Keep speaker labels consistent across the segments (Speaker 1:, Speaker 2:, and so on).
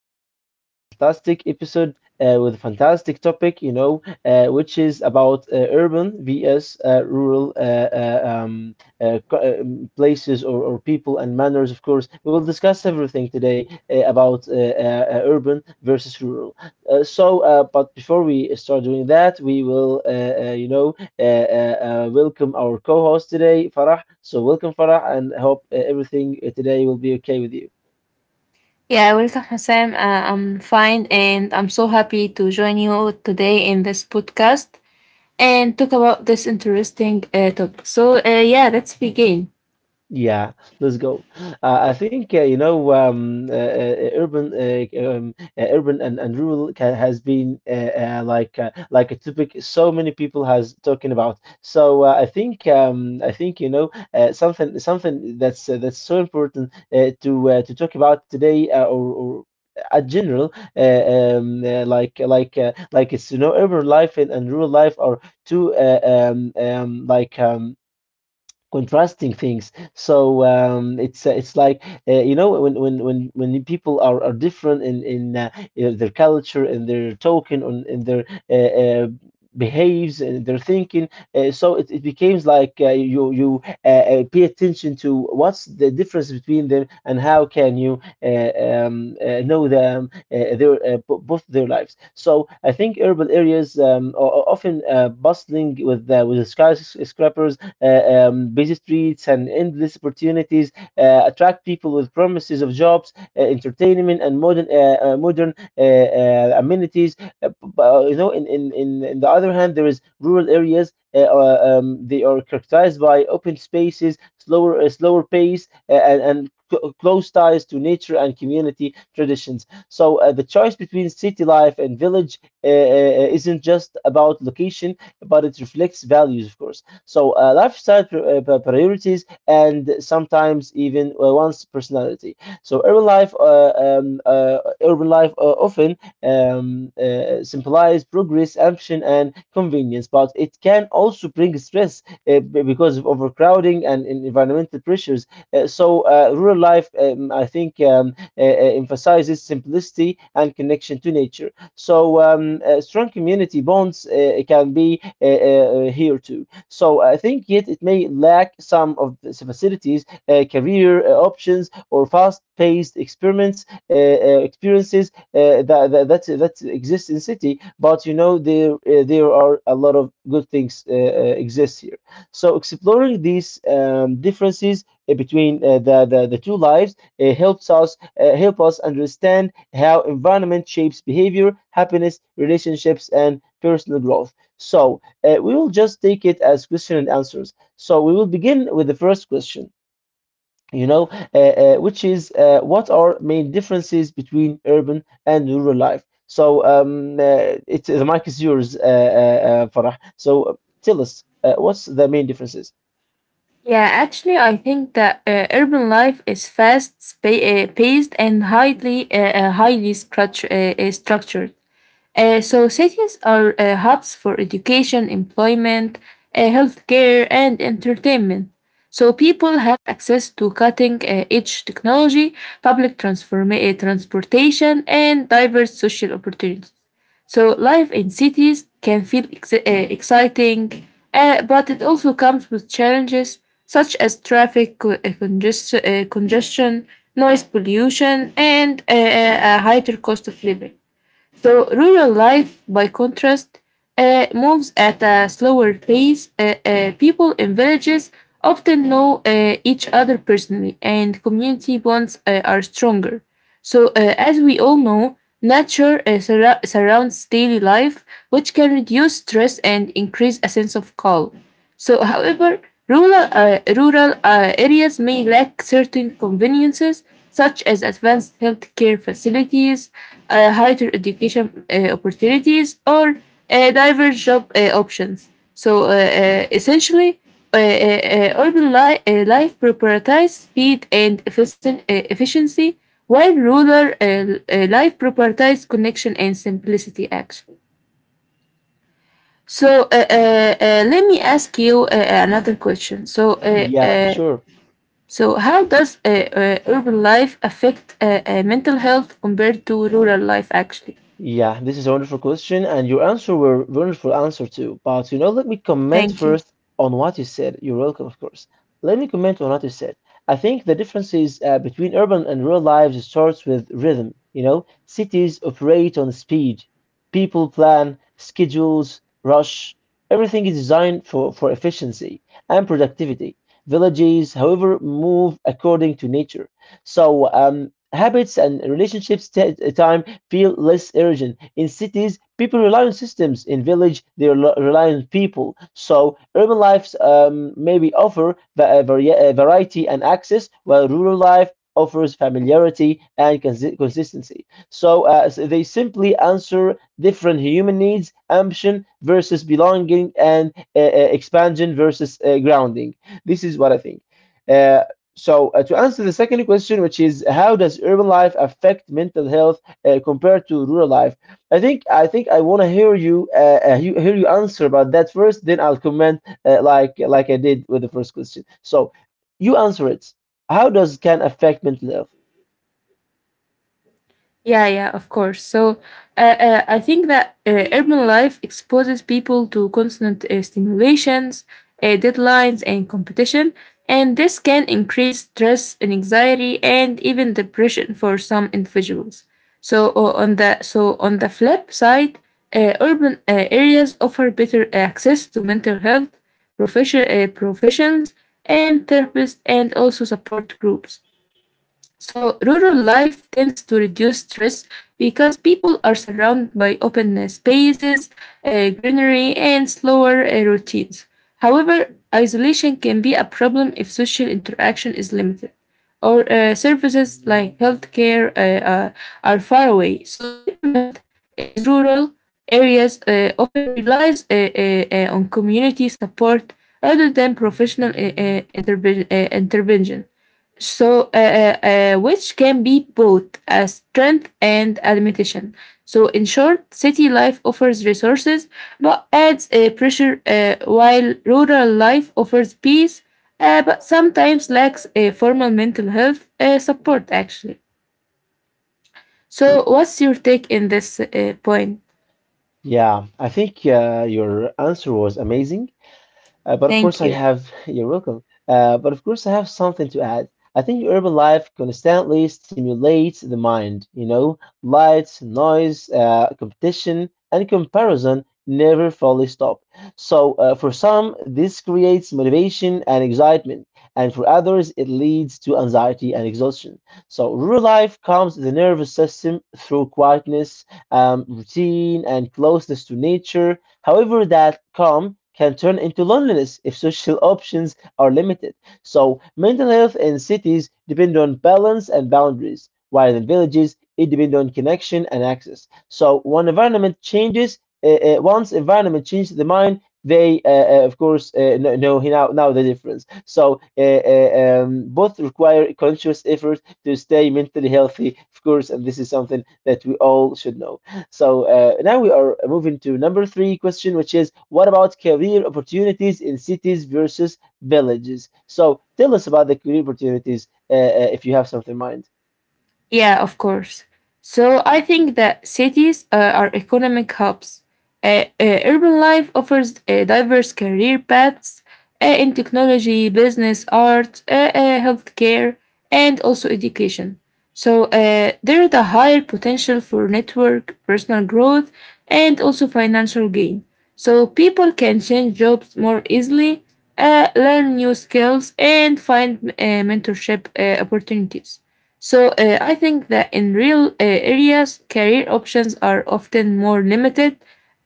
Speaker 1: going to talk about a fantastic episode with a fantastic topic, which is about urban vs. Rural co- places or people and manners, of course. We will discuss everything today about urban versus rural. But before we start doing that, we will, you know, uh, uh, welcome our co-host today, Farah. So welcome, Farah, and hope everything today will be okay with you.
Speaker 2: Yeah, welcome, Hassan. I'm fine and I'm so happy to join you today in this podcast and talk about this interesting topic. Yeah, let's begin.
Speaker 1: Yeah, let's go. I think you know urban urban and rural ca has been like a topic so many people has talking about. So I think you know something that's so important to to talk about today or at general. uh, like it's you know urban life and rural life are two contrasting things. So it's like you know when people are different in their culture and their token on in their uh, uh, behaves and their thinking. So it becomes like you pay attention to what's the difference between them and how can you know them their both their lives. So I think urban areas are often bustling with skyscrapers, busy streets and endless opportunities attract people with promises of jobs, entertainment, and modern amenities. Uh, b- you know, in the other hand, there is rural areas. They are characterized by open spaces, slower pace, and close ties to nature and community traditions. So the choice between city life and village isn't just about location, but it reflects values, of course. So lifestyle priorities and sometimes even one's personality. So urban life, often symbolize progress, ambition, and convenience, but it can also bring stress because of overcrowding and in- environmental pressures. Rural life, I think, emphasizes simplicity and connection to nature. So strong community bonds can be here too. So I think yet it may lack some of the facilities, career options, or fast-paced experiments experiences that that exist in city. But you know there are a lot of good things exist here. So exploring these differences between the, the two lives help us understand how environment shapes behavior, happiness, relationships, and personal growth. So we will just take it as question and answers. So we will begin with the first question, which is what are main differences between urban and rural life? So it's the mic is yours, Farah. So tell us what's the main differences?
Speaker 2: Yeah, actually, I think that urban life is fast, paced, and highly structured. So cities are hubs for education, employment, healthcare, and entertainment. So people have access to cutting-edge technology, transportation, and diverse social opportunities. So life in cities can feel exciting, but it also comes with challenges such as traffic congestion, noise pollution, and a higher cost of living. So rural life, by contrast, moves at a slower pace. People in villages often know each other personally, and community bonds are stronger. So, as we all know, nature surrounds daily life, which can reduce stress and increase a sense of calm. So, however, rural areas may lack certain conveniences such as advanced healthcare facilities, higher education opportunities, or diverse job options. So, essentially, life prioritizes speed and efficient efficiency, while rural uh, life prioritizes connection and simplicity, actually. So let me ask you another question. So uh,
Speaker 1: Yeah,
Speaker 2: uh,
Speaker 1: sure.
Speaker 2: so how does urban life affect mental health compared to rural life? Actually,
Speaker 1: Yeah, this is a wonderful question, and your answer were wonderful answer too. But you know, let me comment
Speaker 2: thank you.
Speaker 1: first on what you said. You're welcome, of course. Let me comment on what you said. I think the differences between urban and rural lives starts with rhythm. You know, cities operate on speed. People plan, schedules, rush. Everything is designed for efficiency and productivity. Villages, however, move according to nature. So habits and relationships take time feel less urgent. In cities, people rely on systems. In village, they rel- rely on people. So urban lives maybe offer variety and access, while rural life offers familiarity and consi- consistency. So they simply answer different human needs, ambition versus belonging, and expansion versus grounding. This is what I think. Uh, to answer the second question, which is how does urban life affect mental health compared to rural life. I think I want to hear you, you hear you answer about that first. Then I'll comment like I did with the first question. So you answer it. How does can affect mental health?
Speaker 2: Yeah, yeah, of course. So I think that urban life exposes people to constant stimulations, deadlines, and competition. And this can increase stress and anxiety and even depression for some individuals. So on the flip side, urban areas offer better access to mental health professions and therapists and also support groups. So rural life tends to reduce stress because people are surrounded by open spaces, greenery, and slower routines. However, isolation can be a problem if social interaction is limited or services like healthcare are far away. So mental health is rural areas often relies on community support rather than professional intervention. So, which can be both a strength and a limitation. So, in short, city life offers resources but adds pressure, while rural life offers peace but sometimes lacks a formal mental health support, actually. So, what's your take in this point?
Speaker 1: Yeah, I think your answer was amazing. But of course,
Speaker 2: Thank
Speaker 1: I
Speaker 2: you.
Speaker 1: have, you're welcome. But of course, I have something to add. I think urban life constantly stimulates the mind. You know, lights, noise, competition, and comparison never fully stop. So, for some, this creates motivation and excitement, and for others, it leads to anxiety and exhaustion. So, rural life calms the nervous system through quietness, routine, and closeness to nature. However, that calm can turn into loneliness if social options are limited. So, mental health in cities depend on balance and boundaries, while in villages it depends on connection and access. So, once environment changes the mind, they, of course, know now the difference. So both require conscious effort to stay mentally healthy, of course, and this is something that we all should know. So now we are moving to number three question, which is what about career opportunities in cities versus villages? So tell us about the career opportunities if you have something in mind.
Speaker 2: Yeah, of course. So I think that cities are economic hubs. Urban life offers diverse career paths in technology, business, art, healthcare, and also education. So there is a higher potential for network, personal growth, and also financial gain. So people can change jobs more easily, learn new skills, and find mentorship opportunities. So I think that in real areas, career options are often more limited.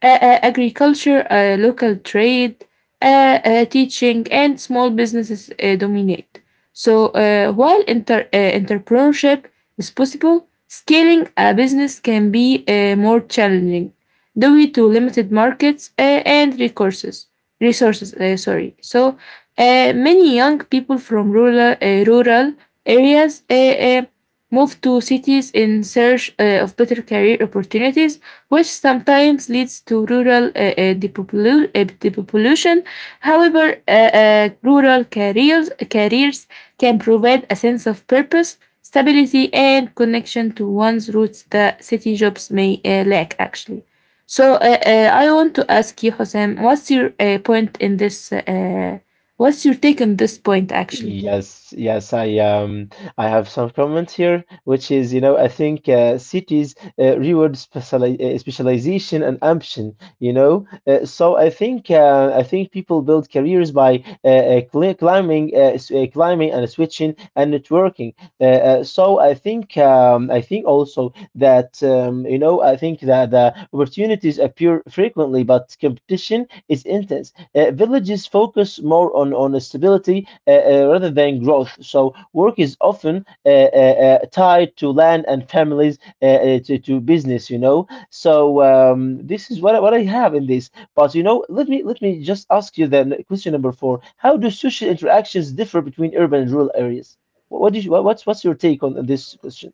Speaker 2: Agriculture, local trade, teaching, and small businesses dominate. So while entrepreneurship is possible, scaling a business can be more challenging due to limited markets and resources. Resources, sorry. So many young people from rural areas move to cities in search of better career opportunities, which sometimes leads to rural depopulation. However, rural careers can provide a sense of purpose, stability, and connection to one's roots that city jobs may lack, actually. So I want to ask you, Hosam, what's your point in this? What's your take on this point, actually?
Speaker 1: Yes, yes, I have some comments here, which is, you know, I think cities reward speciali specialization and ambition, you know. So I think people build careers by climbing and switching and networking. So I think also that you know I think that opportunities appear frequently, but competition is intense. Villages focus more on stability rather than growth. So work is often tied to land and families to business, you know. So this is what I have in this. But you know, let me just ask you then question number four: How do social interactions differ between urban and rural areas? What's what's your take on this question?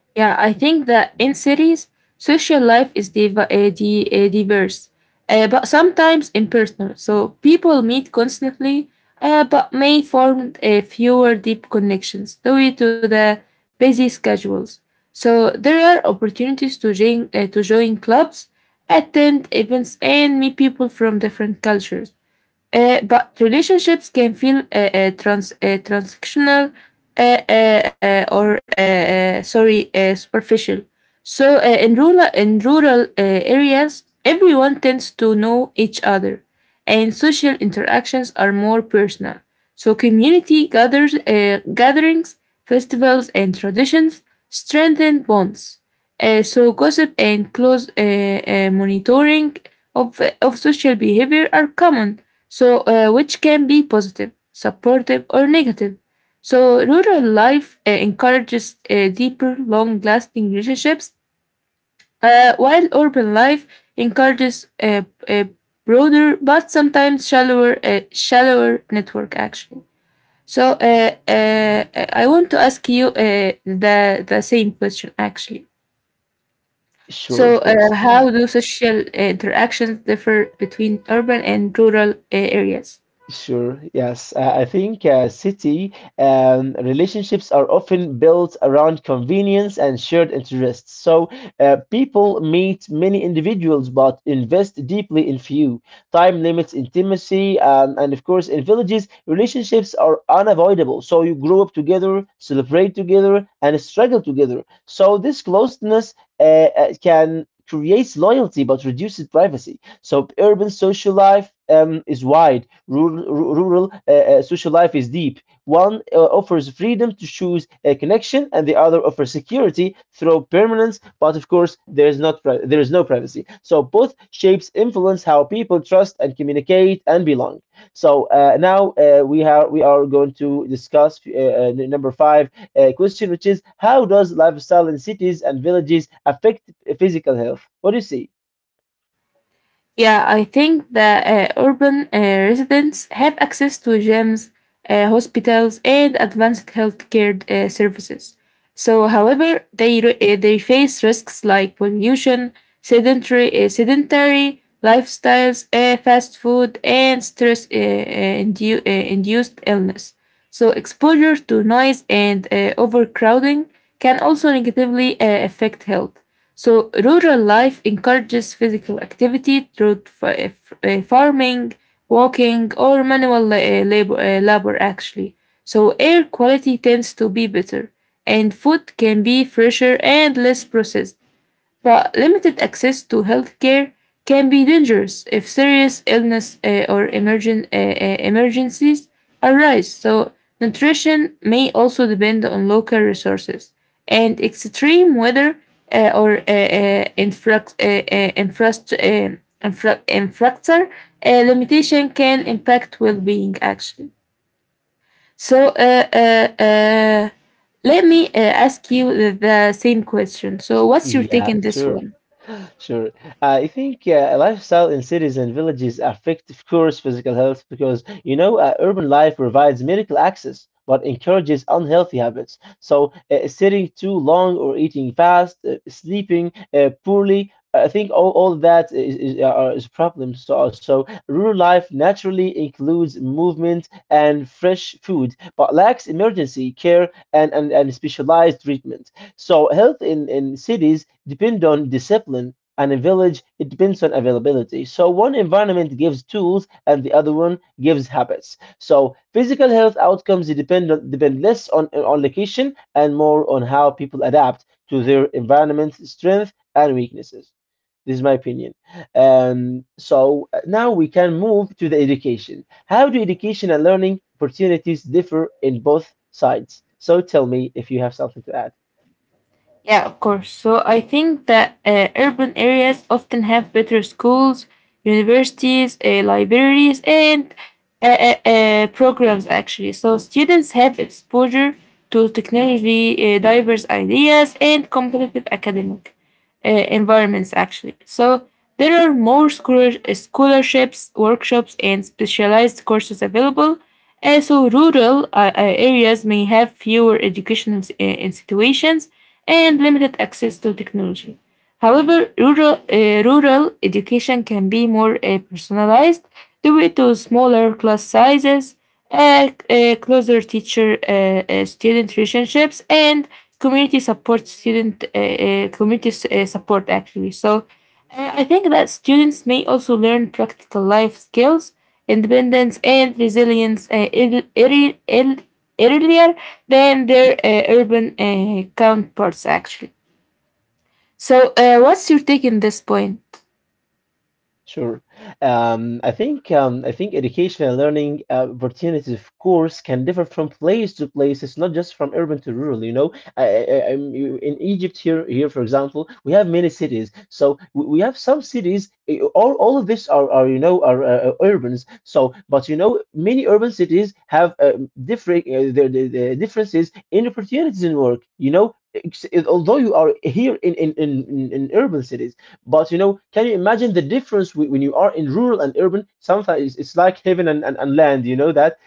Speaker 2: Yeah, I think that in cities, social life is diverse, but sometimes impersonal. So people meet constantly, but may form fewer deep connections due to the busy schedules. So there are opportunities to to join clubs, attend events, and meet people from different cultures. But relationships can feel transactional uh, or sorry, superficial. So in rural areas, everyone tends to know each other, and social interactions are more personal. So community gathers gatherings, festivals, and traditions strengthen bonds. So gossip and close monitoring of social behavior are common, so which can be positive, supportive, or negative. So rural life encourages deeper, long-lasting relationships, while urban life encourages a broader but sometimes shallower network. Actually, so I want to ask you the same question. Actually,
Speaker 1: Sure,
Speaker 2: so
Speaker 1: of course.
Speaker 2: how do social interactions differ between urban and rural areas?
Speaker 1: Sure. Yes. I think city relationships are often built around convenience and shared interests. So people meet many individuals but invest deeply in few. Time limits intimacy. And of course, in villages, relationships are unavoidable. So you grow up together, celebrate together, and struggle together. So this closeness can creates loyalty but reduces privacy. So urban social life is wide. Rural social life is deep. One offers freedom to choose a connection, and the other offers security through permanence. But of course, there is no privacy. So both shapes influence how people trust and communicate and belong. So now we are going to discuss number five question, which is how does lifestyle in cities and villages affect physical health? What do you see?
Speaker 2: Yeah, I think that urban residents have access to gyms, hospitals, and advanced healthcare services. So, however, they face risks like pollution, sedentary lifestyles, fast food, and stress- induced illness. So, exposure to noise and overcrowding can also negatively affect health. So, rural life encourages physical activity through farming, walking, or manual labor, actually. So, air quality tends to be better, and food can be fresher and less processed. But limited access to healthcare can be dangerous if serious illness or emergencies arise. So, nutrition may also depend on local resources and extreme weather or infra- infrast- infra- infrastructure limitation can impact well being, actually. So, let me ask you the same question. So, what's your take
Speaker 1: Yeah,
Speaker 2: on this
Speaker 1: sure.
Speaker 2: one?
Speaker 1: Sure. I think lifestyle in cities and villages affect, of course, physical health because, you know, urban life provides medical access but encourages unhealthy habits. So, sitting too long or eating fast, sleeping poorly, I think all that is a problem. So, rural life naturally includes movement and fresh food, but lacks emergency care and, and specialized treatment. So, health in cities depend on discipline and a village, it depends on availability. So one environment gives tools and the other one gives habits. So physical health outcomes depend less on location and more on how people adapt to their environment strength and weaknesses. This is my opinion. Now we can move to the education. How do education and learning opportunities differ in both sides? So tell me if you have something to add.
Speaker 2: Yeah, of course. So I think that urban areas often have better schools, universities, libraries, and programs, actually. So students have exposure to technology, diverse ideas, and competitive academic environments, actually. So there are more scholarships, workshops, and specialized courses available. So rural areas may have fewer educational institutions and limited access to technology. However, rural education can be more personalized due to smaller class sizes, closer teacher student relationships and community support, actually. So I think that students may also learn practical life skills, independence and resilience earlier than their urban counterparts, actually. So what's your take in this point?
Speaker 1: Sure. I think education and learning opportunities, of course, can differ from place to place. It's not just from urban to rural. You know, I'm, you- in Egypt here, here for example, we have many cities. So we have some cities. Eh, all of these are you know are urbans. So, but you know, many urban cities have the differences in opportunities in work. You know. Although you are here in urban cities, but you know, can you imagine the difference when you are in rural and urban? Sometimes it's like heaven and land, you know that?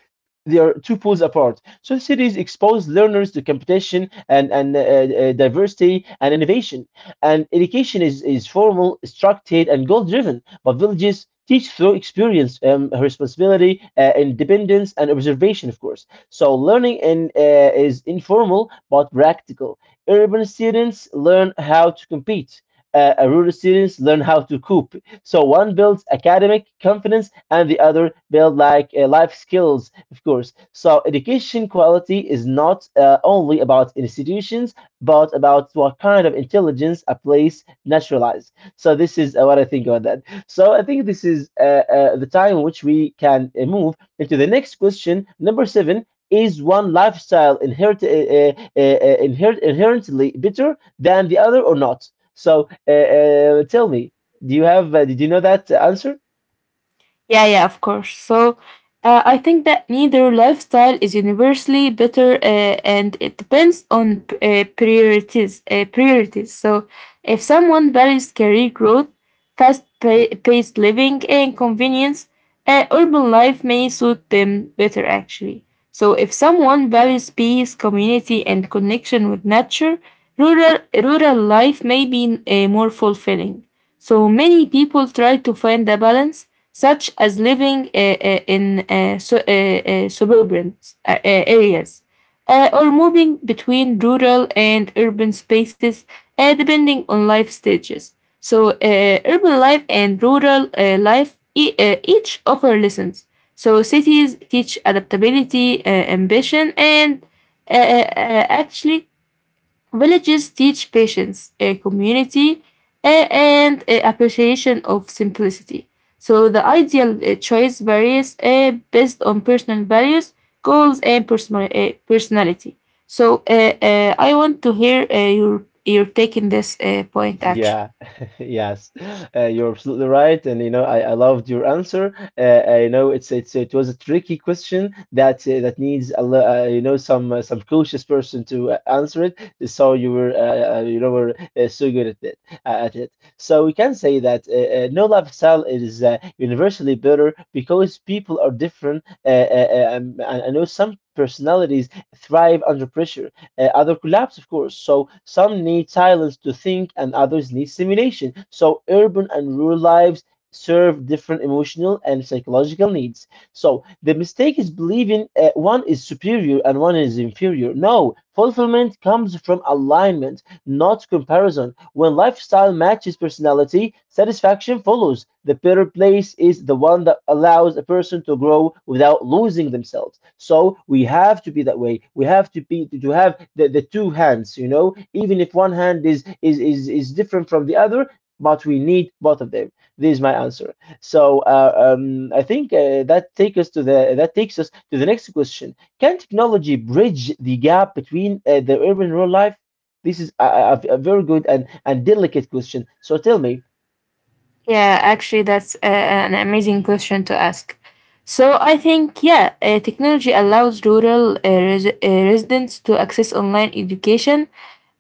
Speaker 1: They are two pools apart. So cities expose learners to competition and diversity and innovation. And education is formal, structured, and goal driven. But villages teach through experience, responsibility, independence, and observation, of course. So learning is informal but practical. Urban students learn how to compete. Rural students learn how to cope. So one builds academic confidence and the other build like life skills, of course. So education quality is not only about institutions, but about what kind of intelligence a place naturalized. So this is what I think about that. So I think this is the time in which we can move into the next question, number seven. Is one lifestyle inherently better than the other or not? So tell me. Do you have, did you know that answer?
Speaker 2: Yeah, yeah, of course. So I think that neither lifestyle is universally better, and it depends on priorities. So if someone values career growth, fast-paced living, and convenience, urban life may suit them better, actually. So, if someone values peace, community, and connection with nature, rural life may be more fulfilling. So, many people try to find a balance, such as living in suburban areas or moving between rural and urban spaces depending on life stages. So, urban life and rural life each offer lessons. So, cities teach adaptability, ambition, and actually villages teach patience, a community, and a appreciation of simplicity. So the ideal choice varies based on personal values, goals, and personal personality. So I want to hear your take in this point. Actually.
Speaker 1: Yeah, yes, you're absolutely right, and you know I loved your answer. I know it's it was a tricky question that that needs a you know some cautious person to answer it. So you were you know were so good at it. So we can say that no lifestyle is universally better because people are different. I know some personalities thrive under pressure other collapse, of course. So some need silence to think, and others need stimulation. So urban and rural lives serve different emotional and psychological needs. So the mistake is believing one is superior and one is inferior. No, fulfillment comes from alignment not comparison. When lifestyle matches personality, satisfaction follows. The better place is the one that allows a person to grow without losing themselves. So we have to be that way. We have to be to have the two hands, you know, even if one hand is different from the other. But we need both of them. This is my answer. So I think that takes us to the next question. Can technology bridge the gap between the urban and rural life? This is a very good and delicate question. So tell me,
Speaker 2: Yeah, actually, that's a, an amazing question to ask. So I think yeah, technology allows rural residents to access online education,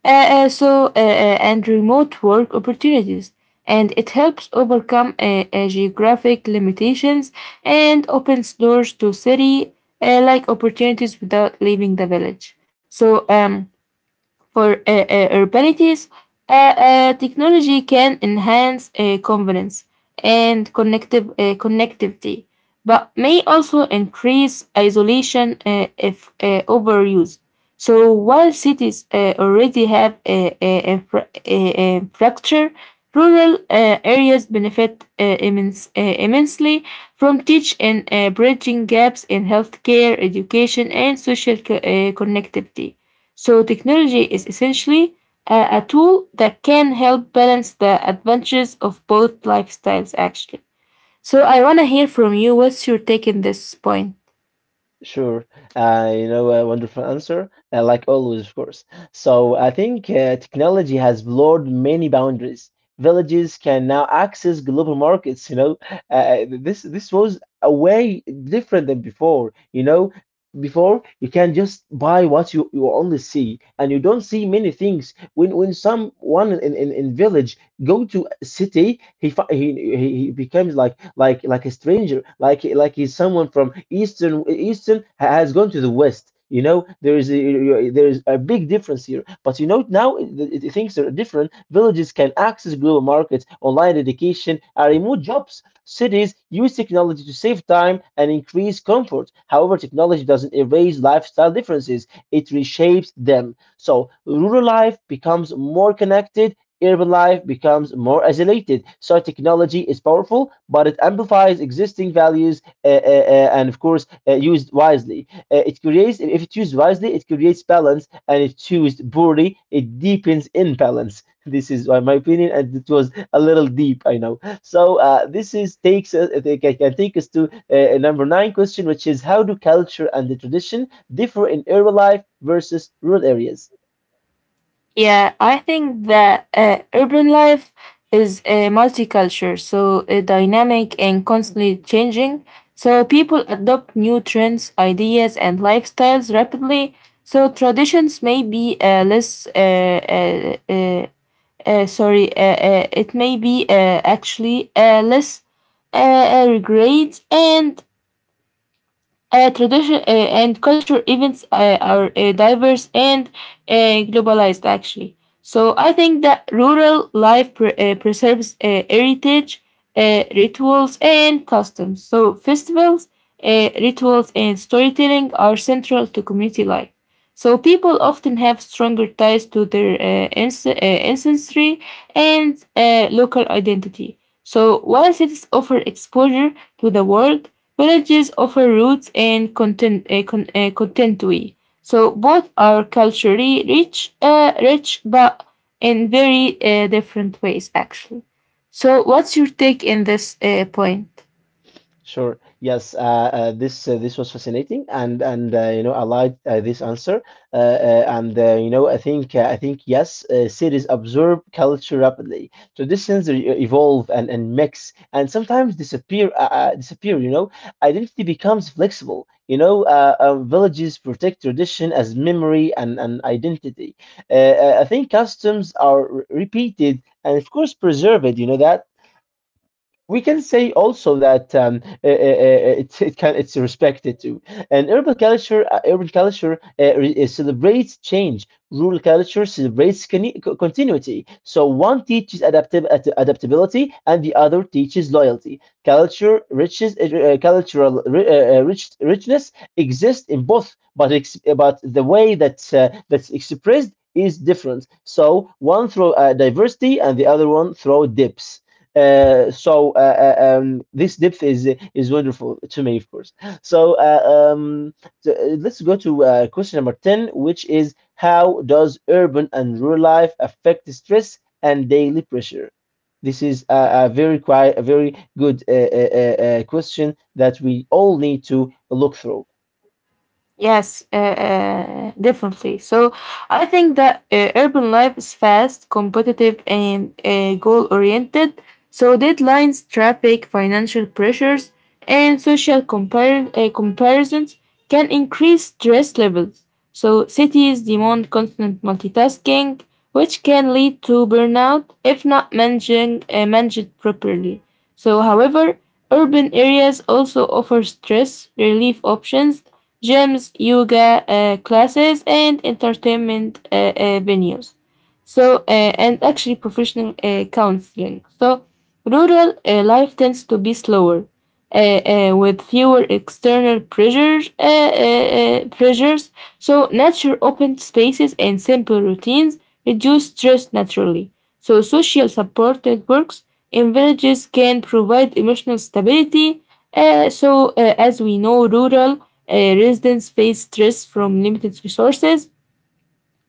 Speaker 2: uh, and remote work opportunities, and it helps overcome geographic limitations and opens doors to city like opportunities without leaving the village. So for urbanities, technology can enhance convenience and connectivity, but may also increase isolation if overused. So while cities already have infrastructure, rural areas benefit immensely from teach and bridging gaps in healthcare, education, and social connectivity. So technology is essentially a tool that can help balance the advantages of both lifestyles, actually. So I want to hear from you, what's your take in this point?
Speaker 1: sure, you know, a wonderful answer, like always, of course. So I think technology has blurred many boundaries. Villages can now access global markets, you know. This was a way different than before, you know. Before you can just buy what you only see, and you don't see many things. When someone in village go to a city he becomes like a stranger like he's someone from has gone to the west, you know. There is there is a big difference here, but you know now things are different. Villages can access global markets, online education, and remote jobs. Cities use technology to save time and increase comfort. However, technology doesn't erase lifestyle differences, it reshapes them. So rural life becomes more connected. Urban life becomes more isolated. So technology is powerful, but it amplifies existing values and, of course, used wisely. It creates, if it's used wisely, it creates balance, and if it's used poorly, it deepens imbalance. This is my opinion, and it was a little deep, I know. So this is takes us, I think I can take us to number nine question, which is how do culture and the tradition differ in urban life versus rural areas?
Speaker 2: Yeah, I think that urban life is a multicultural, so dynamic and constantly changing. So people adopt new trends, ideas, and lifestyles rapidly. So traditions may be less sorry, it may be actually less regrets and tradition and culture events are diverse and uh, globalized, actually. So I think that rural life preserves heritage, rituals, and customs. So festivals, rituals, and storytelling are central to community life. So people often have stronger ties to their ancestry and local identity. So while cities offer exposure to the world, villages offer roots and contentry. So both are culturally rich, but in very different ways, actually. So what's your take in this point?
Speaker 1: Sure. Yes. This was fascinating, and you know I liked this answer. And you know I think yes, cities absorb culture rapidly. Traditions re evolve and and, mix, and sometimes disappear. You know, identity becomes flexible. You know, villages protect tradition as memory and identity. I think customs are repeated and of course preserved. You know that we can say also that it can, it's respected too. And urban culture celebrates change. Rural culture celebrates continuity. So one teaches adaptability, and the other teaches loyalty. Culture riches, cultural ri- rich, richness exists in both, but the way that that's expressed is different. So one through diversity, and the other one through depth. This depth is wonderful to me, of course. So let's go to question number 10, which is how does urban and rural life affect stress and daily pressure? This is a very quite a very good question that we all need to look through.
Speaker 2: Yes, Definitely. So I think that urban life is fast, competitive, and goal oriented. So deadlines, traffic, financial pressures, and social comparisons can increase stress levels. So cities demand constant multitasking, which can lead to burnout if not managed properly. So, however, urban areas also offer stress relief options gyms, yoga classes, and entertainment venues. So, and actually professional counseling. So, rural life tends to be slower, uh, with fewer external pressures. So, nature, open spaces, and simple routines reduce stress naturally. So, social support networks in villages can provide emotional stability. As we know, rural residents face stress from limited resources,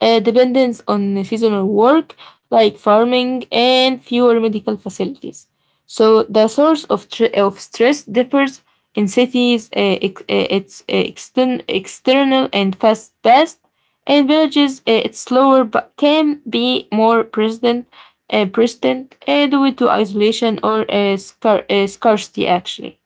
Speaker 2: dependence on seasonal work like farming, and fewer medical facilities. So the source of, of stress differs in cities, external and fast paced. And villages, it's slower but can be more present, present due to isolation or scarcity, actually.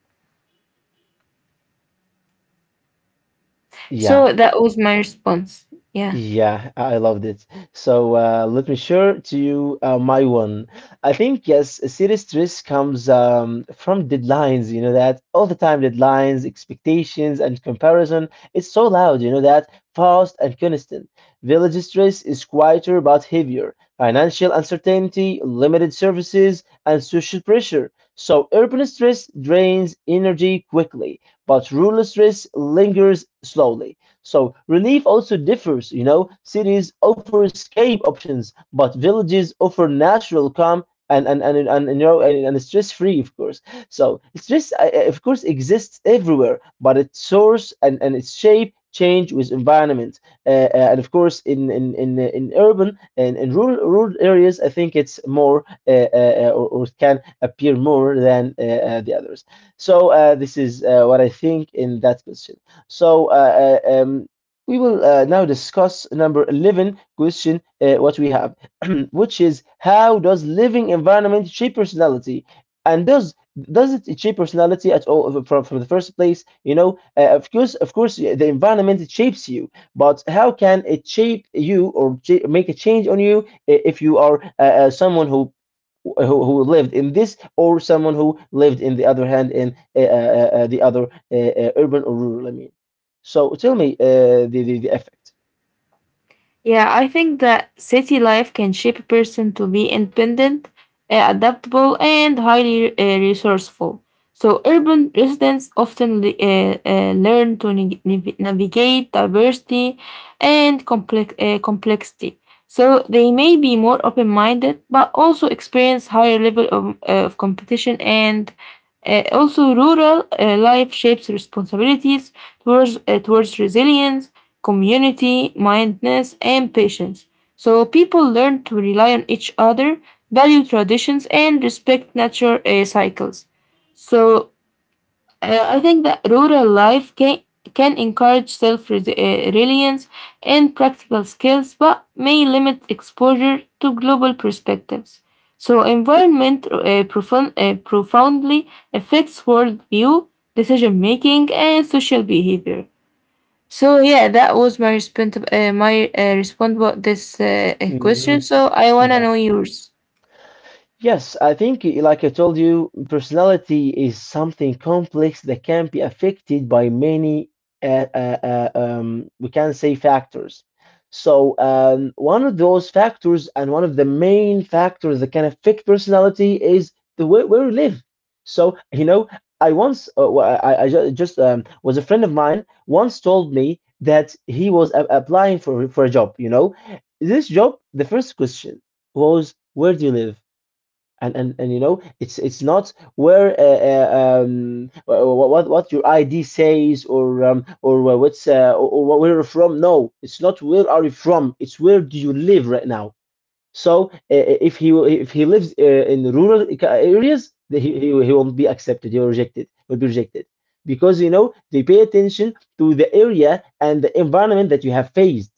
Speaker 1: Yeah.
Speaker 2: So that was my response. Yeah.
Speaker 1: Yeah, I loved it. So let me share to you my one. I think yes, serious stress comes from deadlines. You know that all the time deadlines, expectations, and comparison. It's so loud. You know that fast and constant. Village stress is quieter but heavier. Financial uncertainty, limited services, and social pressure. So urban stress drains energy quickly, but rural stress lingers slowly. So relief also differs, you know. Cities offer escape options, but villages offer natural calm and, you know and stress free, of course. So stress, of course, exists everywhere, but its source and and, its shape change with environment. And of course, in urban and in rural areas, I think it's more or it can appear more than the others. So this is what I think in that question. So we will now discuss number 11 question what we have, which is how does living environment shape personality? And does it shape personality at all from the first place? You know, of course, yeah, the environment it shapes you, but how can it shape you or make a change on you if you are someone who, who lived in this or someone who lived in the other hand in the other urban or rural, I mean. So tell me the effect.
Speaker 2: Yeah, I think that city life can shape a person to be independent, adaptable, and highly resourceful. So, urban residents often learn to navigate diversity and complexity. So, they may be more open minded, but also experience higher level of competition and also rural life shapes responsibilities towards resilience community mindedness, and patience. So people learn to rely on each other, value traditions, and respect nature cycles. So I think that rural life can encourage self reliance and practical skills, but may limit exposure to global perspectives. So environment profoundly affects worldview, decision making, and social behavior. So yeah, that was my response about this question.
Speaker 1: Mhm.
Speaker 2: So I wanna
Speaker 1: Yeah.
Speaker 2: know yours.
Speaker 1: Yes, I think, like I told you, personality is something complex that can be affected by many, we can say factors. So, one of those factors and one of the main factors that can affect personality is the way where we live. So, you know, I once, wa- I ju- just was a friend of mine once told me that he was applying for a job. You know, this job, the first question was, where do you live? And, and you know it's not where what your ID says or what's or where you're from. No, it's not where are you from, it's where do you live right now. So if he lives in rural areas, he won't be accepted. He will rejected. Will be rejected because you know they pay attention to the area and the environment that you have faced.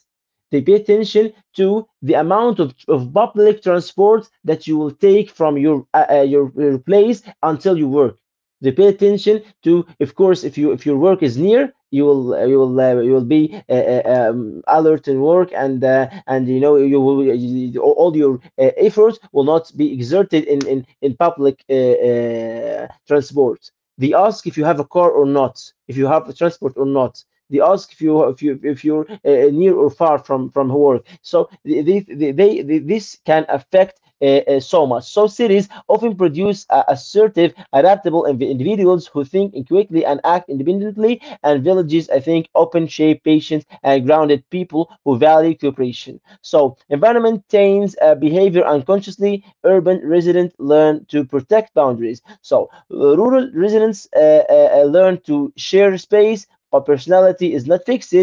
Speaker 1: They pay attention to the amount of public transport that you will take from your your place until you work. They pay attention to, of course, if you if your work is near, you will you will be uh, uh, alert in work, and you know you will all your efforts will not be exerted in in public transport. They ask if you have a car or not, if you have a transport or not. They ask if you if you if you're near or far from work. So they- this can affect so much. So cities often produce assertive, adaptable individuals who think quickly and act independently, and villages, I think, open shape, patient, and grounded people who value cooperation. So environment taints behavior unconsciously. Urban residents learn to protect boundaries. So rural residents learn to share space. Our personality is not fixed.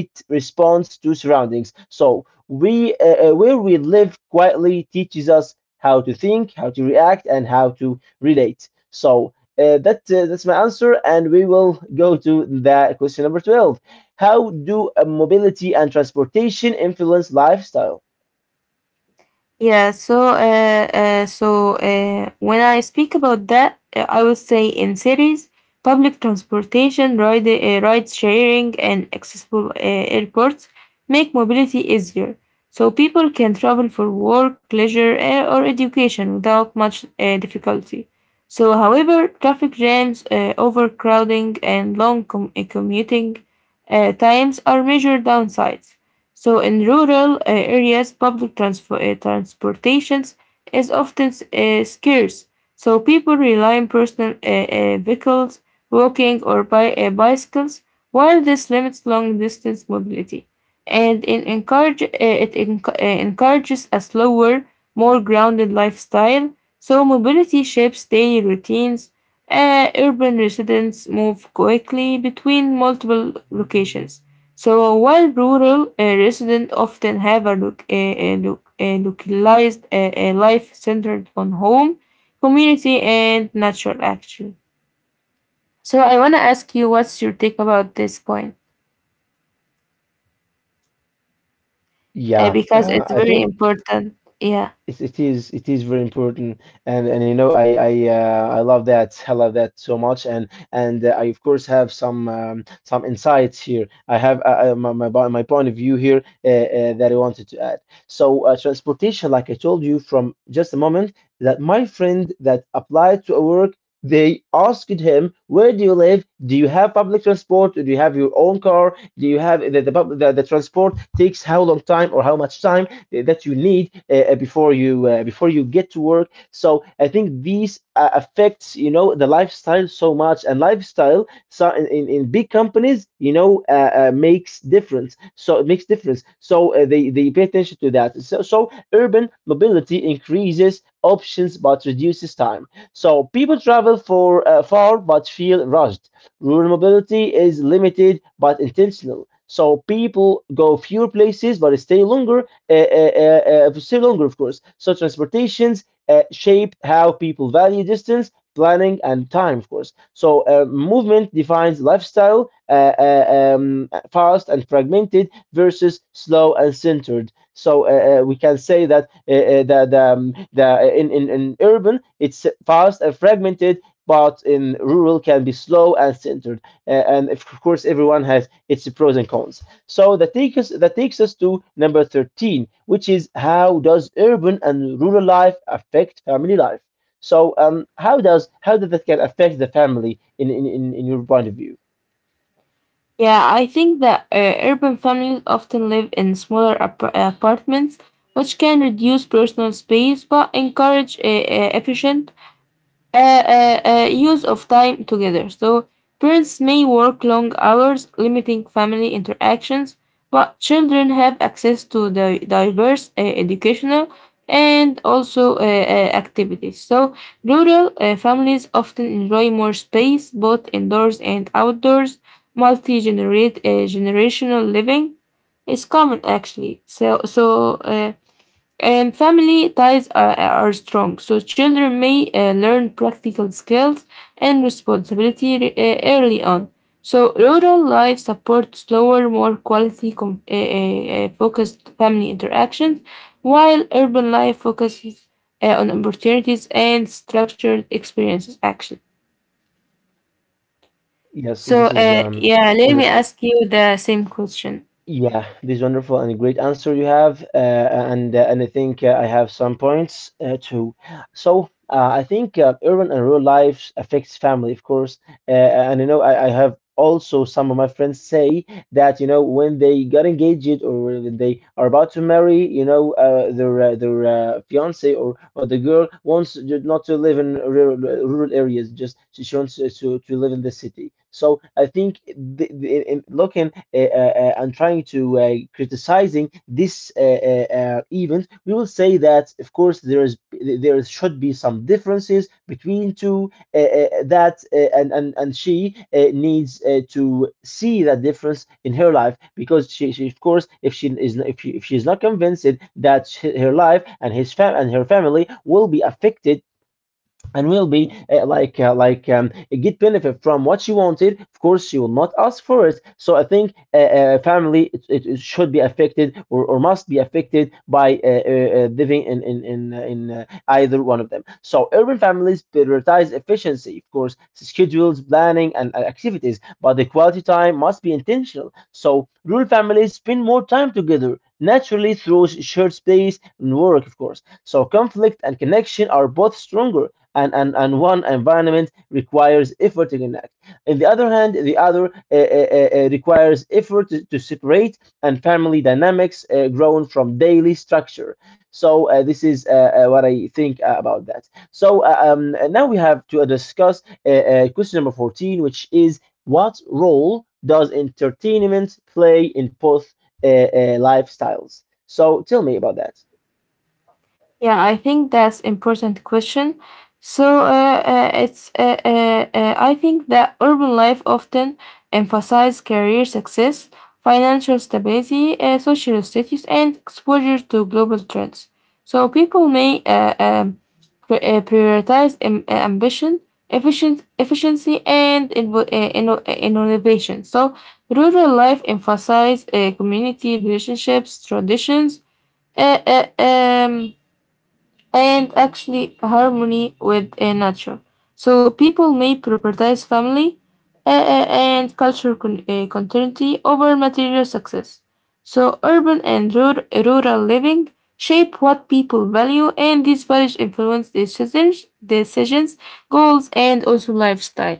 Speaker 1: It responds to surroundings, so we where we live quietly teaches us how to think, how to react, and how to relate. So that's my answer, and we will go to the question number 12. How do mobility and transportation influence lifestyle?
Speaker 2: Yeah, when I speak about that, I would say in cities, public transportation, ride sharing, and accessible airports make mobility easier. So people can travel for work, leisure, or education without much difficulty. So, however, traffic jams, overcrowding, and long commuting times are major downsides. So in rural areas, public transportations is often scarce. So people rely on personal vehicles, walking or by bicycles, while this limits long distance mobility. And it encourages a slower, more grounded lifestyle. So mobility shapes daily routines. Urban residents move quickly between multiple locations so while rural residents often have a localized a life centered on home, community, and nature, actually. So I want to ask you, what's your take about this point?
Speaker 1: Yeah,
Speaker 2: Because it's
Speaker 1: I
Speaker 2: very
Speaker 1: think
Speaker 2: important. Yeah.
Speaker 1: it, it is very important. And you know, I love that, I love that so much. And I of course have some insights here. I have my point of view here that I wanted to add. So transportation, like I told you from just a moment, that my friend that applied to a work, they asked him, where do you live, do you have public transport, do you have your own car, do you have the the, transport takes how long time or how much time that you need before you get to work. So I think these affects, you know, the lifestyle so much, and lifestyle. So in big companies, you know, makes difference. So it makes difference. So they pay attention to that. So so urban mobility increases options but reduces time. So people travel for far but feel rushed. Rural mobility is limited but intentional. So people go fewer places but stay longer, for still longer, of course. So transportations shape how people value distance, planning, and time, of course. So movement defines lifestyle, fast and fragmented versus slow and centered. So we can say that the in urban it's fast and fragmented. But in rural can be slow and centered, and of course everyone has its pros and cons. So that takes us to number 13, which is, how does urban and rural life affect family life? So how does that can affect the family in your point of view?
Speaker 2: Yeah, I think that urban families often live in smaller apartments, which can reduce personal space but encourage efficient use of time together. So, parents may work long hours, limiting family interactions, but children have access to the diverse educational and also activities. So, rural families often enjoy more space, both indoors and outdoors. Multi-generate generational living is common actually. So. And family ties are strong, so children may learn practical skills and responsibility early on. So rural life supports slower, more quality focused family interactions, while urban life focuses on opportunities and structured experiences. Action.
Speaker 1: Yes,
Speaker 2: So
Speaker 1: this is
Speaker 2: yeah, let me
Speaker 1: wonderful.
Speaker 2: ask you the same question.
Speaker 1: Yeah, this is wonderful and a great answer you have, and I think I have some points too. So I think urban and rural lives affects family, of course, and you know, I have also some of my friends say that you know, when they got engaged or when they are about to marry, you know, their fiance or the girl wants not to live in rural areas. Just she wants to live in the city. So I think the, in looking and trying to criticizing this event, we will say that of course there should be some differences between two, that and she needs to see that difference in her life, because she of course if she is if, she, if she's not convinced that her life and his fam and her family will be affected and will be uh, like uh, like um, get benefit from what she wanted. Of course she will not ask for it. So I think family, it should be affected, or must be affected by living in either one of them. So urban families prioritize efficiency, of course, schedules, planning, and activities, but the quality time must be intentional. So rural families spend more time together naturally through shared space and work, of course, so conflict and connection are both stronger, and one environment requires effort to connect. On the other hand, the other requires effort to separate, and family dynamics grown from daily structure. So this is what I think about that. So now we have to discuss question number 14, which is, what role does entertainment play in both lifestyles? So tell me about that.
Speaker 2: Yeah, I think that's important question. So it's I think that urban life often emphasizes career success, financial stability, social status, and exposure to global trends. So people may prioritize ambition, efficient efficiency, and innovation. So rural life emphasizes community relationships, traditions. Uh, uh, um, and actually harmony with nature. So people may prioritize family and cultural continuity over material success. So urban and rural living shape what people value, and these values influence decisions, goals, and also lifestyle.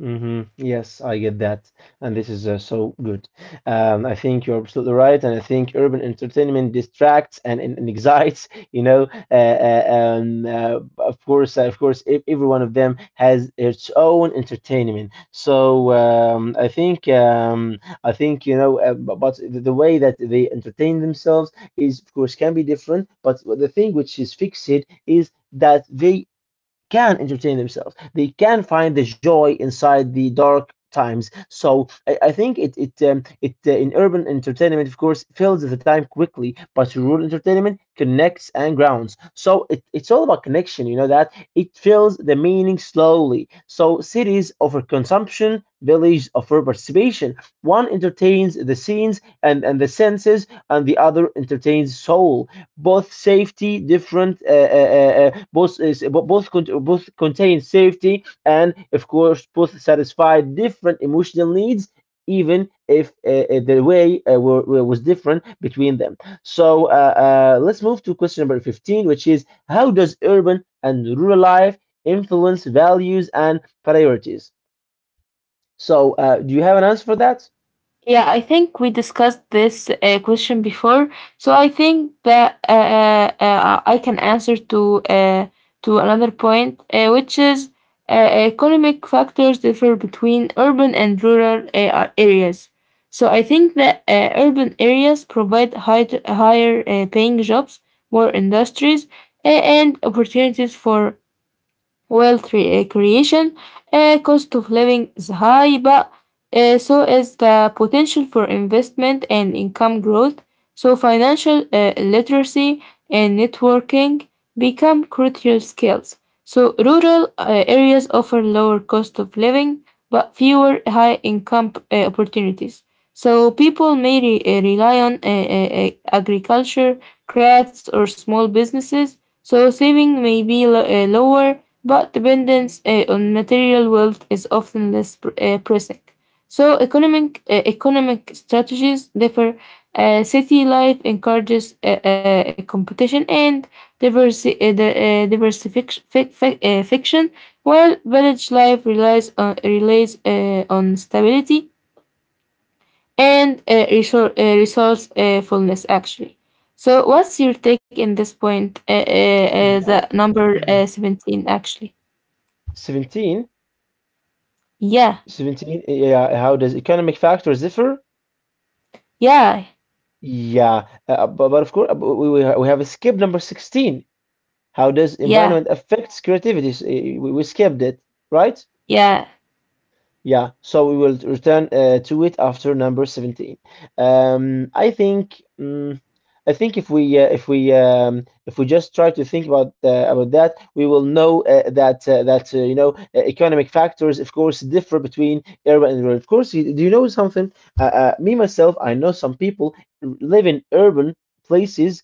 Speaker 1: Hmm, yes, I get that. And this is so good. I think you're absolutely right. And I think urban entertainment distracts and excites, you know. Of course, every one of them has its own entertainment. So I think, you know, but the way that they entertain themselves is, of course, can be different. But the thing which is fixed is that they can entertain themselves. They can find the joy inside the dark times. So I think it it it in urban entertainment, of course, fills the time quickly, but rural entertainment connects and grounds. So it's all about connection. You know that it fills the meaning slowly. So cities offer consumption, villages offer participation. One entertains the scenes and the senses, and the other entertains soul, both safety different both is both contain safety, and of course both satisfy different emotional needs, even if the way was different between them. So let's move to question number 15, which is, how does urban and rural life influence values and priorities? So do you have an answer for that?
Speaker 2: Yeah, I think we discussed this question before, so I think that I can answer to another point, which is economic factors differ between urban and rural areas. So I think that urban areas provide higher paying jobs, more industries, and opportunities for wealth creation, cost of living is high, but so is the potential for investment and income growth. So financial literacy and networking become crucial skills. So rural areas offer lower cost of living, but fewer high income opportunities. So people may rely on agriculture, crafts, or small businesses. So saving may be lower but dependence on material wealth is often less pressing. So economic strategies differ. City life encourages a competition and diversification, while village life relies on stability and resourcefulness. Actually, so what's your take in this point? The
Speaker 1: Yeah.
Speaker 2: number 17, actually.
Speaker 1: 17
Speaker 2: Yeah.
Speaker 1: 17. Yeah, how does economic factors differ?
Speaker 2: Yeah,
Speaker 1: Yeah, but of course, we have skipped number 16. How does
Speaker 2: yeah,
Speaker 1: environment affects creativity? We skipped it, right?
Speaker 2: yeah,
Speaker 1: Yeah, so we will return to it after number 17. I think, mm, I think if we if we if we just try to think about that, we will know that you know, economic factors, of course, differ between urban and rural. Of course, do you know something? Me myself, I know some people live in urban places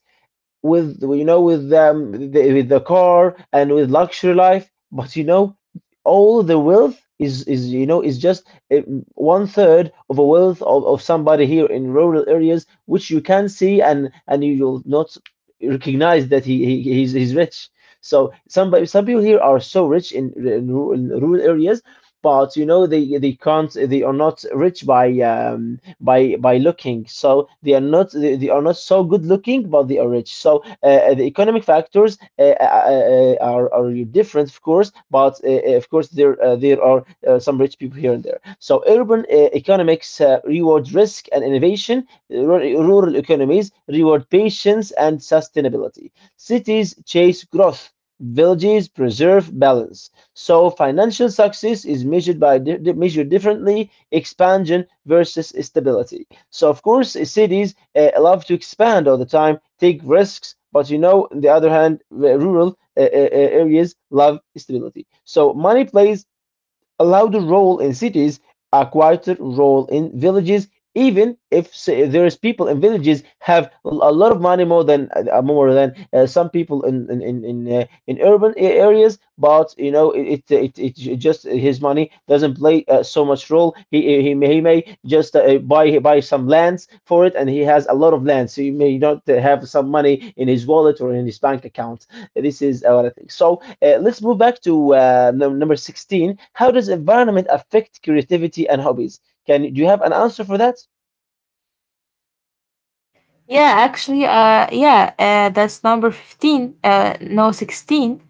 Speaker 1: with, you know, with with the car and with luxury life, but you know, all the wealth is, you know, is just uh, one third of a wealth of somebody here in rural areas, which you can see, and you will not recognize that he's rich. So some people here are so rich in, in rural areas, but you know, they can't, they are not rich by, by looking. So they are not, they are not so good looking, but they are rich. So the economic factors are different, of course, but of course there there are some rich people here and there. So urban economics reward risk and innovation. Rural economies reward patience and sustainability. Cities chase growth. Villages preserve balance. So financial success is measured by measured differently, expansion versus stability. So of course, cities love to expand all the time, take risks, but you know, on the other hand, the rural areas love stability. So money plays allowed a role in cities, a quieter role in villages, even if, say, there's people in villages have a lot of money more than some people in urban areas. But you know, it it just his money doesn't play so much role. He may just buy some lands for it, and he has a lot of lands. So he may not have some money in his wallet or in his bank account. This is what I think. So let's move back to number 16. How does environment affect creativity and hobbies? Can, do you have an answer for that?
Speaker 2: yeah. Actually, yeah, that's number 15. No, 16.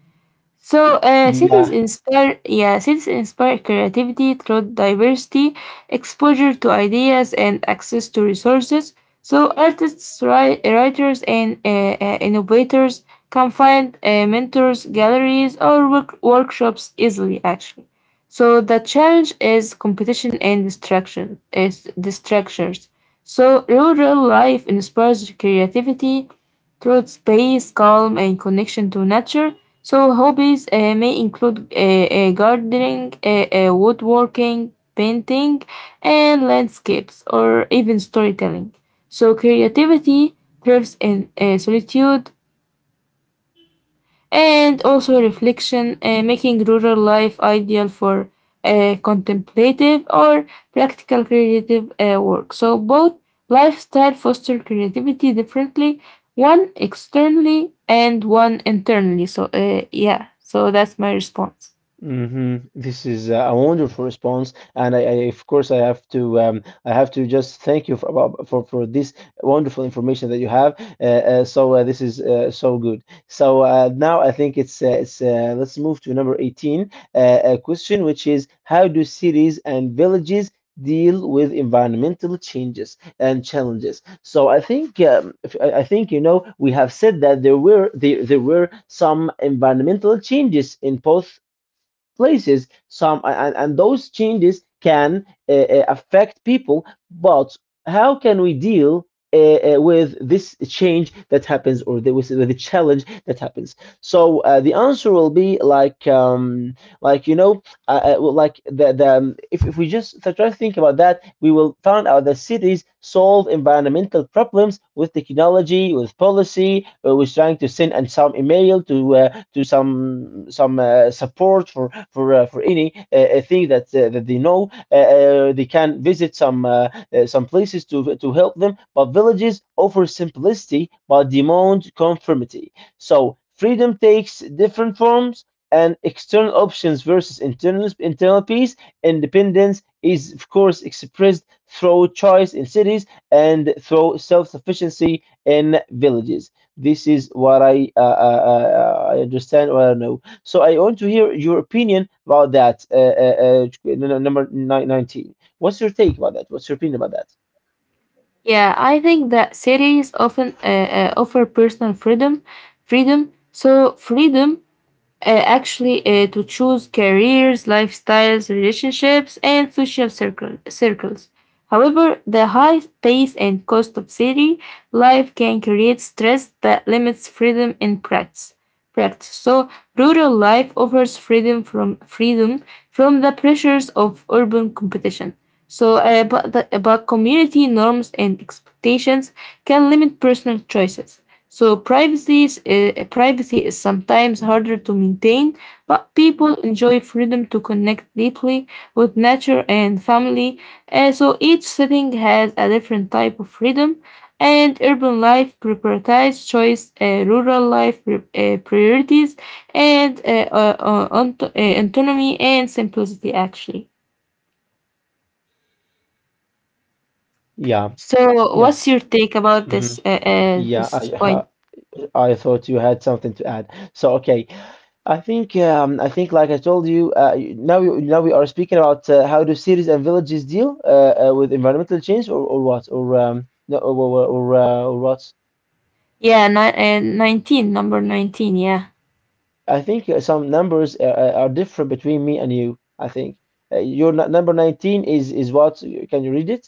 Speaker 2: So, cities
Speaker 1: Yeah.
Speaker 2: inspire, yeah, cities inspire creativity through diversity, exposure to ideas, and access to resources. So, artists, writers, and innovators can find mentors, galleries, or workshops easily, actually. So, the challenge is competition and distractions. So, rural life inspires creativity, through space, calm, and connection to nature. So, hobbies may include gardening, woodworking, painting, and landscapes, or even storytelling. So, creativity thrives in solitude, and also reflection, making rural life ideal for contemplative or practical creative work. So both lifestyle foster creativity differently, one externally and one internally. So yeah, so that's my response.
Speaker 1: Hmm, this is a wonderful response, and I of course I have to just thank you for for this wonderful information that you have. Uh, this is so good. So now I think it's let's move to number 18, a question, which is, how do cities and villages deal with environmental changes and challenges? So I think I think, you know, we have said that there were some environmental changes in both places, some, and those changes can affect people, but how can we deal with this change that happens, or the, with the challenge that happens? So the answer will be like, like, well, like, the if we just try to think about that, we will find out that cities solve environmental problems with technology, with policy, with trying to send and some email to some support for for any thing that they know. They can visit some places to help them. But villages offer simplicity but demand conformity. So freedom takes different forms, and external options versus internal peace. Independence is, of course, expressed through choice in cities and through self-sufficiency in villages. This is what I understand or I know. So I want to hear your opinion about that. Number 19. What's your take about that? What's your opinion about that?
Speaker 2: Yeah, I think that cities often offer personal freedom, freedom. So freedom actually to choose careers, lifestyles, relationships, and circles. However, the high pace and cost of city life can create stress that limits freedom in practice. So, rural life offers freedom from the pressures of urban competition. But community norms and expectations can limit personal choices. So privacy is sometimes harder to maintain, but people enjoy freedom to connect deeply with nature and family. And so each setting has a different type of freedom, and urban life prioritizes choice, rural life priorities, and autonomy and simplicity. Actually,
Speaker 1: Yeah.
Speaker 2: so what's
Speaker 1: Yes.
Speaker 2: your take about
Speaker 1: Hmm.
Speaker 2: this
Speaker 1: Yeah.
Speaker 2: this point?
Speaker 1: I I thought you had something to add. So, okay. I think, I think, like I told you, now we are speaking about how do cities and villages deal with environmental change, or what, or no, or what?
Speaker 2: Number 19. Yeah.
Speaker 1: I think some numbers are different between me and you. I think your n number 19 is what? Can you read it?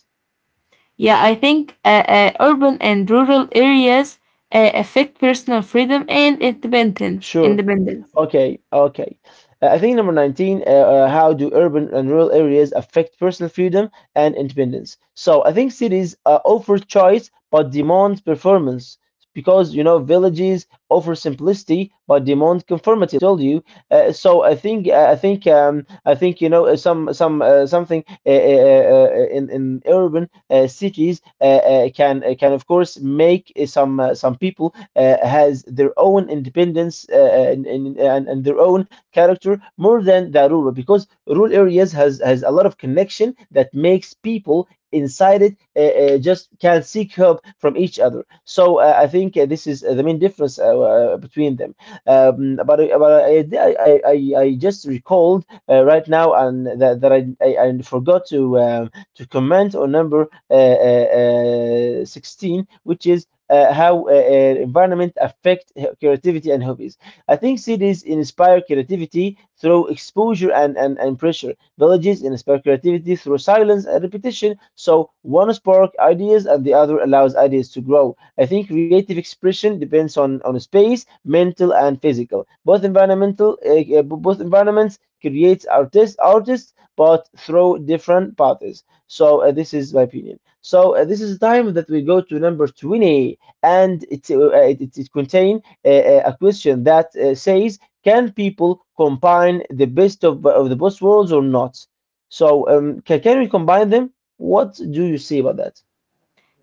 Speaker 2: Yeah, I think urban and rural areas affect personal freedom and
Speaker 1: Sure.
Speaker 2: independence.
Speaker 1: Okay, okay. I think number 19, how do urban and rural areas affect personal freedom and independence? So I think cities offer choice but demand performance because, you know, villages offer simplicity but demand conformity, I told you. So I think, I think, I think, something in urban cities can, can, of course, make some people has their own independence and their own character more than the rural, because rural areas has a lot of connection that makes people inside it just can seek help from each other. So I think this is the main difference between them. But I just recalled right now, and that, that I forgot to to comment on number 16, which is how environment affect creativity and hobbies. I think cities inspire creativity through exposure and pressure. Villages inspire creativity through silence and repetition. So one spark ideas and the other allows ideas to grow. I think creative expression depends on space, mental and physical. Uh, Both environments creates artists but through different paths. So this is my opinion. So this is the time that we go to number 20, and it a question that says, can people combine the best of the both worlds or not? So can we combine them? What do you say about that?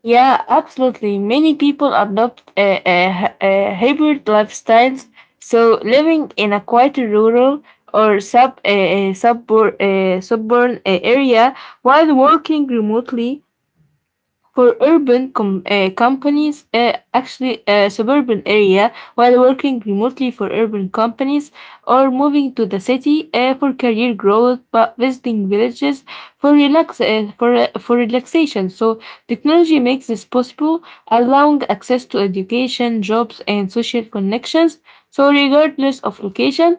Speaker 2: Yeah, absolutely. Many people adopt hybrid lifestyles, so living in a quieter rural or suburban area while working remotely for companies, suburban area while working remotely for urban companies or moving to the city for career growth, but visiting villages for relax for relaxation. So technology makes this possible, allowing access to education, jobs, and social connections. So regardless of location,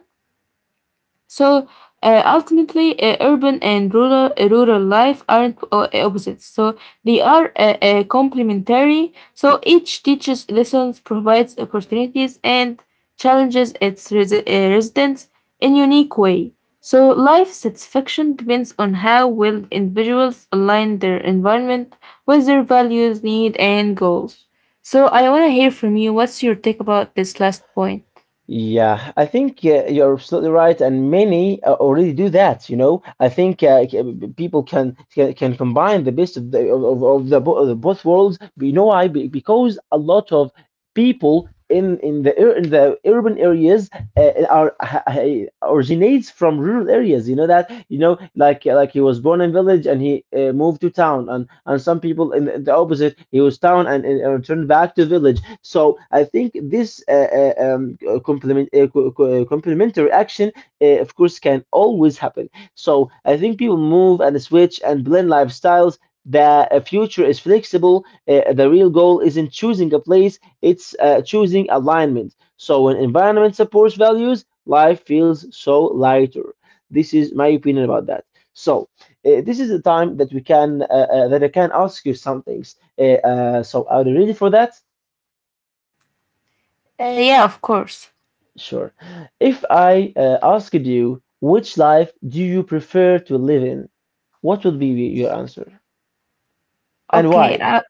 Speaker 2: so ultimately, urban and rural life aren't opposites. So they are complementary. So each teaches lessons, provides opportunities, and challenges its residents in unique way. So life satisfaction depends on how well individuals align their environment with their values, need, and goals. So I want to hear from you. What's your take about this last point?
Speaker 1: Yeah, I think you're absolutely right, and many already do that. You know, I think people can combine the best of the, bo- of the both worlds. But, you know why? Because a lot of people in the urban areas originates from rural areas. You know that, you know, like he was born in village and he moved to town, and some people in the opposite, he was town and returned back to village. So I think this complementary action, of course, can always happen. So I think people move and switch and blend lifestyles. The future is flexible. The real goal isn't choosing a place, it's choosing alignment. So when environment supports values, life feels so lighter. This is my opinion about that. So this is the time that we can that I can ask you some things. So are you ready for that?
Speaker 2: Yeah, of course.
Speaker 1: Sure. If I asked you, which life do you prefer to live in, what would be your answer and
Speaker 2: Okay,
Speaker 1: why?
Speaker 2: I,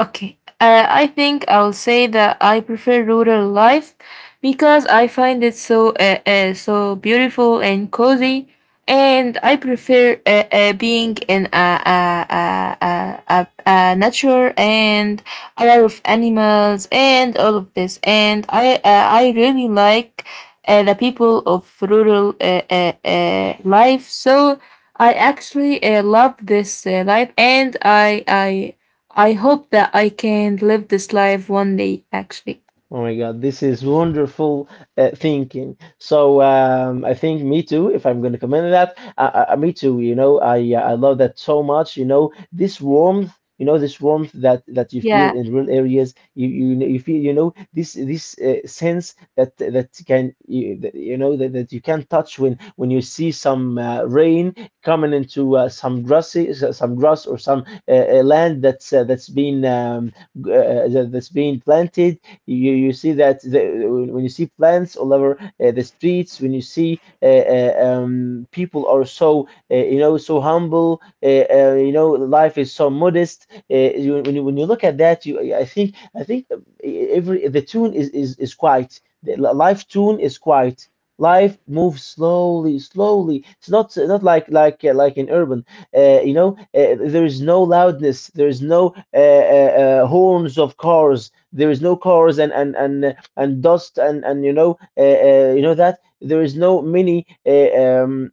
Speaker 2: Okay. I think I'll say that I prefer rural life because I find it so so beautiful and cozy, and I prefer being in a nature and a lot of animals and all of this. And I really like the people of rural life. So I actually love this life, and I I hope that I can live this life one day, actually.
Speaker 1: Oh my God, this is wonderful thinking. So I think me too. If I'm going to comment on that, me too. You know, I love that so much. You know, this warmth. You know, this warmth that you feel
Speaker 2: Yeah,
Speaker 1: in rural areas. You feel. You know, this sense that that can you, that, you know that, that you can touch when you see some rain coming into some grassy, some grass, or some land that's been that's been planted. You see that the, when you see plants all over the streets, when you see people are so, you know, so humble, you know, life is so modest. When you look at that, you I think every the tune is quiet. The life tune is quiet. Life moves slowly, slowly. It's not like like in urban. You know, there is no loudness. There is no horns of cars. There is no cars and dust, and that there is no many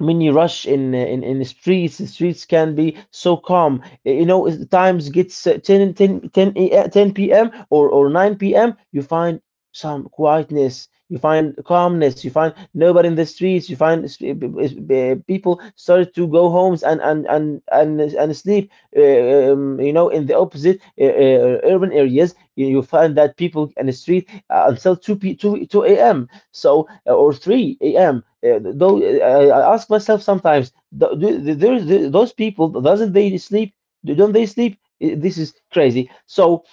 Speaker 1: mini rush in the streets. The streets can be so calm. You know, as the times gets 10 ten ten a- 10 p.m, or 9 p.m, you find some quietness, you find calmness, you find nobody in the streets, you find people started to go homes, and sleep. You know, in the opposite, urban areas, you find that people in the street until 2 a.m. p 2 2 a.m., so, or 3 a.m. Though I ask myself sometimes, those people doesn't they sleep? Don't they sleep? This is crazy. So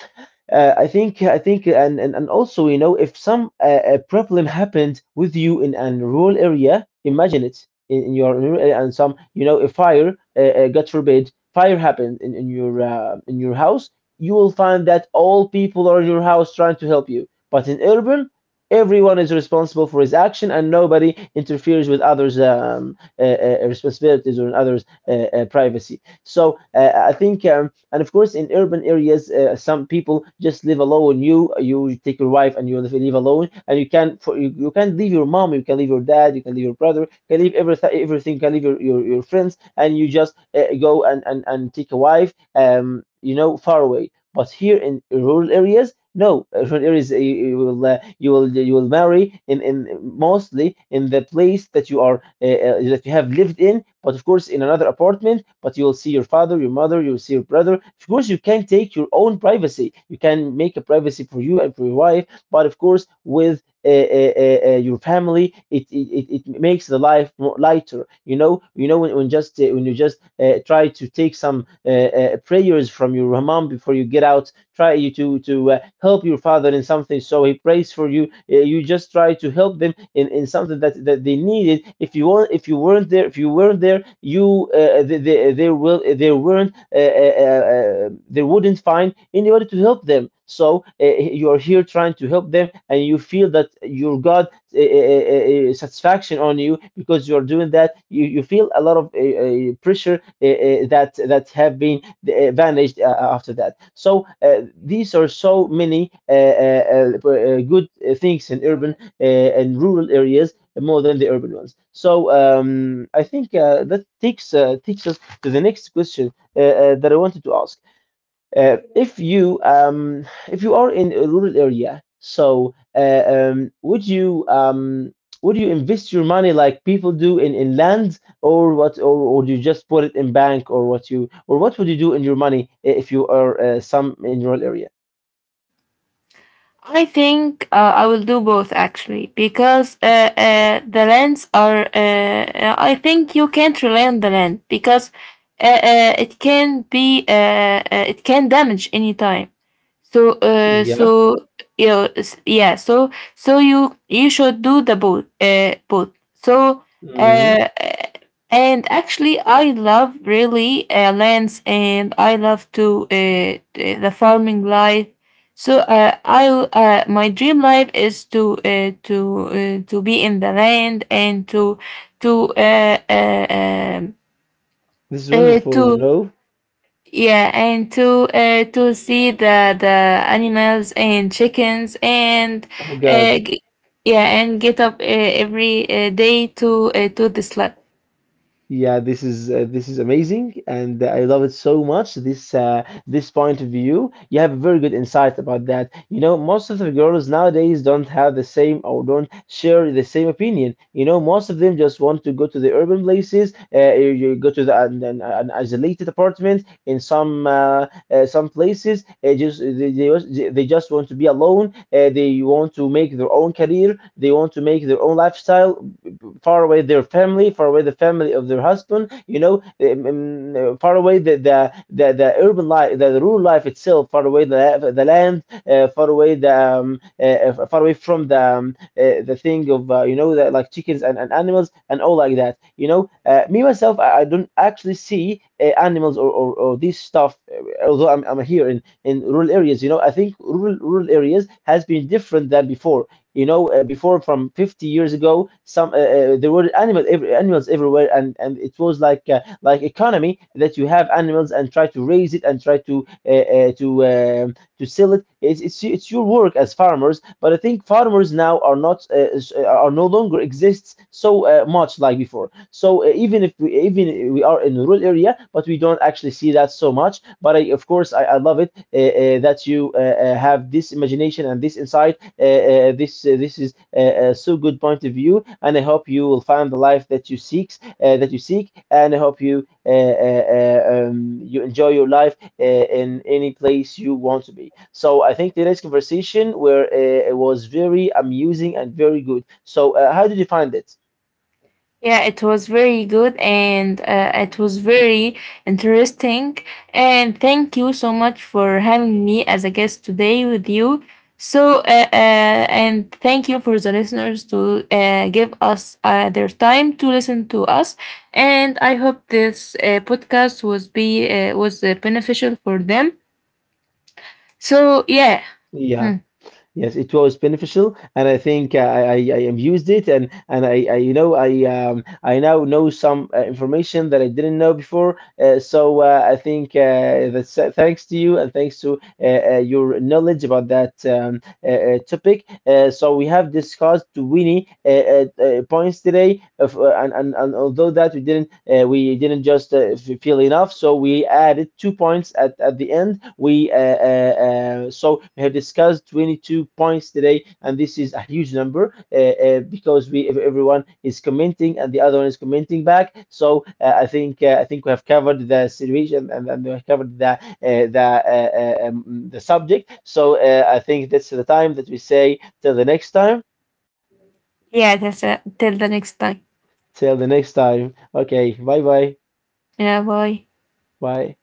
Speaker 1: I think, I think and also, you know, if some a problem happened with you in a rural area, imagine it in your rural area, and some, you know, a fire, God forbid, fire happened in your in your house. You will find that all people are in your house trying to help you, but in urban, everyone is responsible for his action and nobody interferes with others' responsibilities, or in others' privacy. So I think. And of course, in urban areas, some people just live alone. You take your wife and you live alone, and you can leave your mom, you can leave your dad, you can leave your brother, you can leave everything, everything, you can leave your friends, and you just go and, and take a wife, you know, far away. But here in rural areas, no. Rural areas, you will you will marry in, mostly, in the place that you are that you have lived in, but of course in another apartment. But you will see your father, your mother, you will see your brother. Of course, you can take your own privacy. You can make a privacy for you and for your wife, but of course, with your family, it makes the life more lighter, when just when you just try to take some prayers from your mom before you get out, try you to help your father in something, so he prays for you. You just try to help them in something that they needed. If you weren't there, you they, there will eh, they weren't they wouldn't find in order to help them. So you are here trying to help them, and you feel that your God satisfaction on you because you are doing that. You feel a lot of pressure that have been vanished after that. So these are so many good things in urban and rural areas, more than the urban ones. So I think that takes takes us to the next question, that I wanted to ask. If you if you are in a rural area, so would you would you invest your money like people do in land, or what, or do you just put it in bank, or what you, or what would you do in your money if you are some in rural area?
Speaker 2: I think I will do both, actually, because the lands are, I think you can't rely on the land because it can it can damage any time. So,
Speaker 1: Yeah.
Speaker 2: yeah. So, so you should do both. So,
Speaker 1: Hmm.
Speaker 2: uh, and actually, I love really lands, and I love to the farming life. So, I my dream life is to to be in the land and to to uh, uh, um,
Speaker 1: This is
Speaker 2: uh,
Speaker 1: wonderful, you
Speaker 2: to
Speaker 1: know.
Speaker 2: yeah, and to see the animals and chickens and
Speaker 1: Oh
Speaker 2: uh,
Speaker 1: God.
Speaker 2: g- yeah, and get up every day to the lab.
Speaker 1: Yeah, this is amazing, and I love it so much. This this point of view, you have very good insight about that. You know, most of the girls nowadays don't have the same or don't share the same opinion. You know, most of them just want to go to the urban places. You you go to an isolated apartment in some places. Just they just, they just want to be alone. They want to make their own career. They want to make their own lifestyle far away their family, far away the family of their husband. You know, far away the urban life, the rural life itself, far away the land, uh, far away the um, uh, far away from the thing of you know the, like chickens and animals and all like that. You know, me myself, I don't actually see animals or this stuff. Although I'm here in rural areas. You know, I think rural areas has been different than before. You know, before from 50 years ago, some there were animals every, animals everywhere, and it was like economy that you have animals and try to raise it and try to sell it. It's your work as farmers, but I think farmers now are not are no longer exists so much like before. So even if we are in a rural area, but we don't actually see that so much. But I, of course, I love it that you have this imagination and this insight this is so good point of view, and I hope you will find the life that you seek, and I hope you enjoy your life in any place you want to be. So I think today's conversation where it was very amusing and very good. So how did you find it?
Speaker 2: Yeah, it was very good and it was very interesting. And thank you so much for having me as a guest today with you. So, and thank you for the listeners to give us their time to listen to us. And I hope this podcast was beneficial for them. So, yeah.
Speaker 1: Yeah.
Speaker 2: Hmm.
Speaker 1: Yes, it was beneficial, and I think I am used it, I, you know, I now know some information that I didn't know before. So I think that's thanks to you and thanks to your knowledge about that topic. So we have discussed many points today, of, and although that we didn't just feel enough, so we added 2 points at the end. We So we have discussed 22 points today, and this is a huge number because we everyone is commenting and the other one is commenting back. So I think we have covered the situation and we have covered uh, the subject. So I think that's the time that we say till the next time.
Speaker 2: Yeah. That's till the next time.
Speaker 1: Till the next time. Okay. Bye bye.
Speaker 2: Yeah, bye.
Speaker 1: Bye.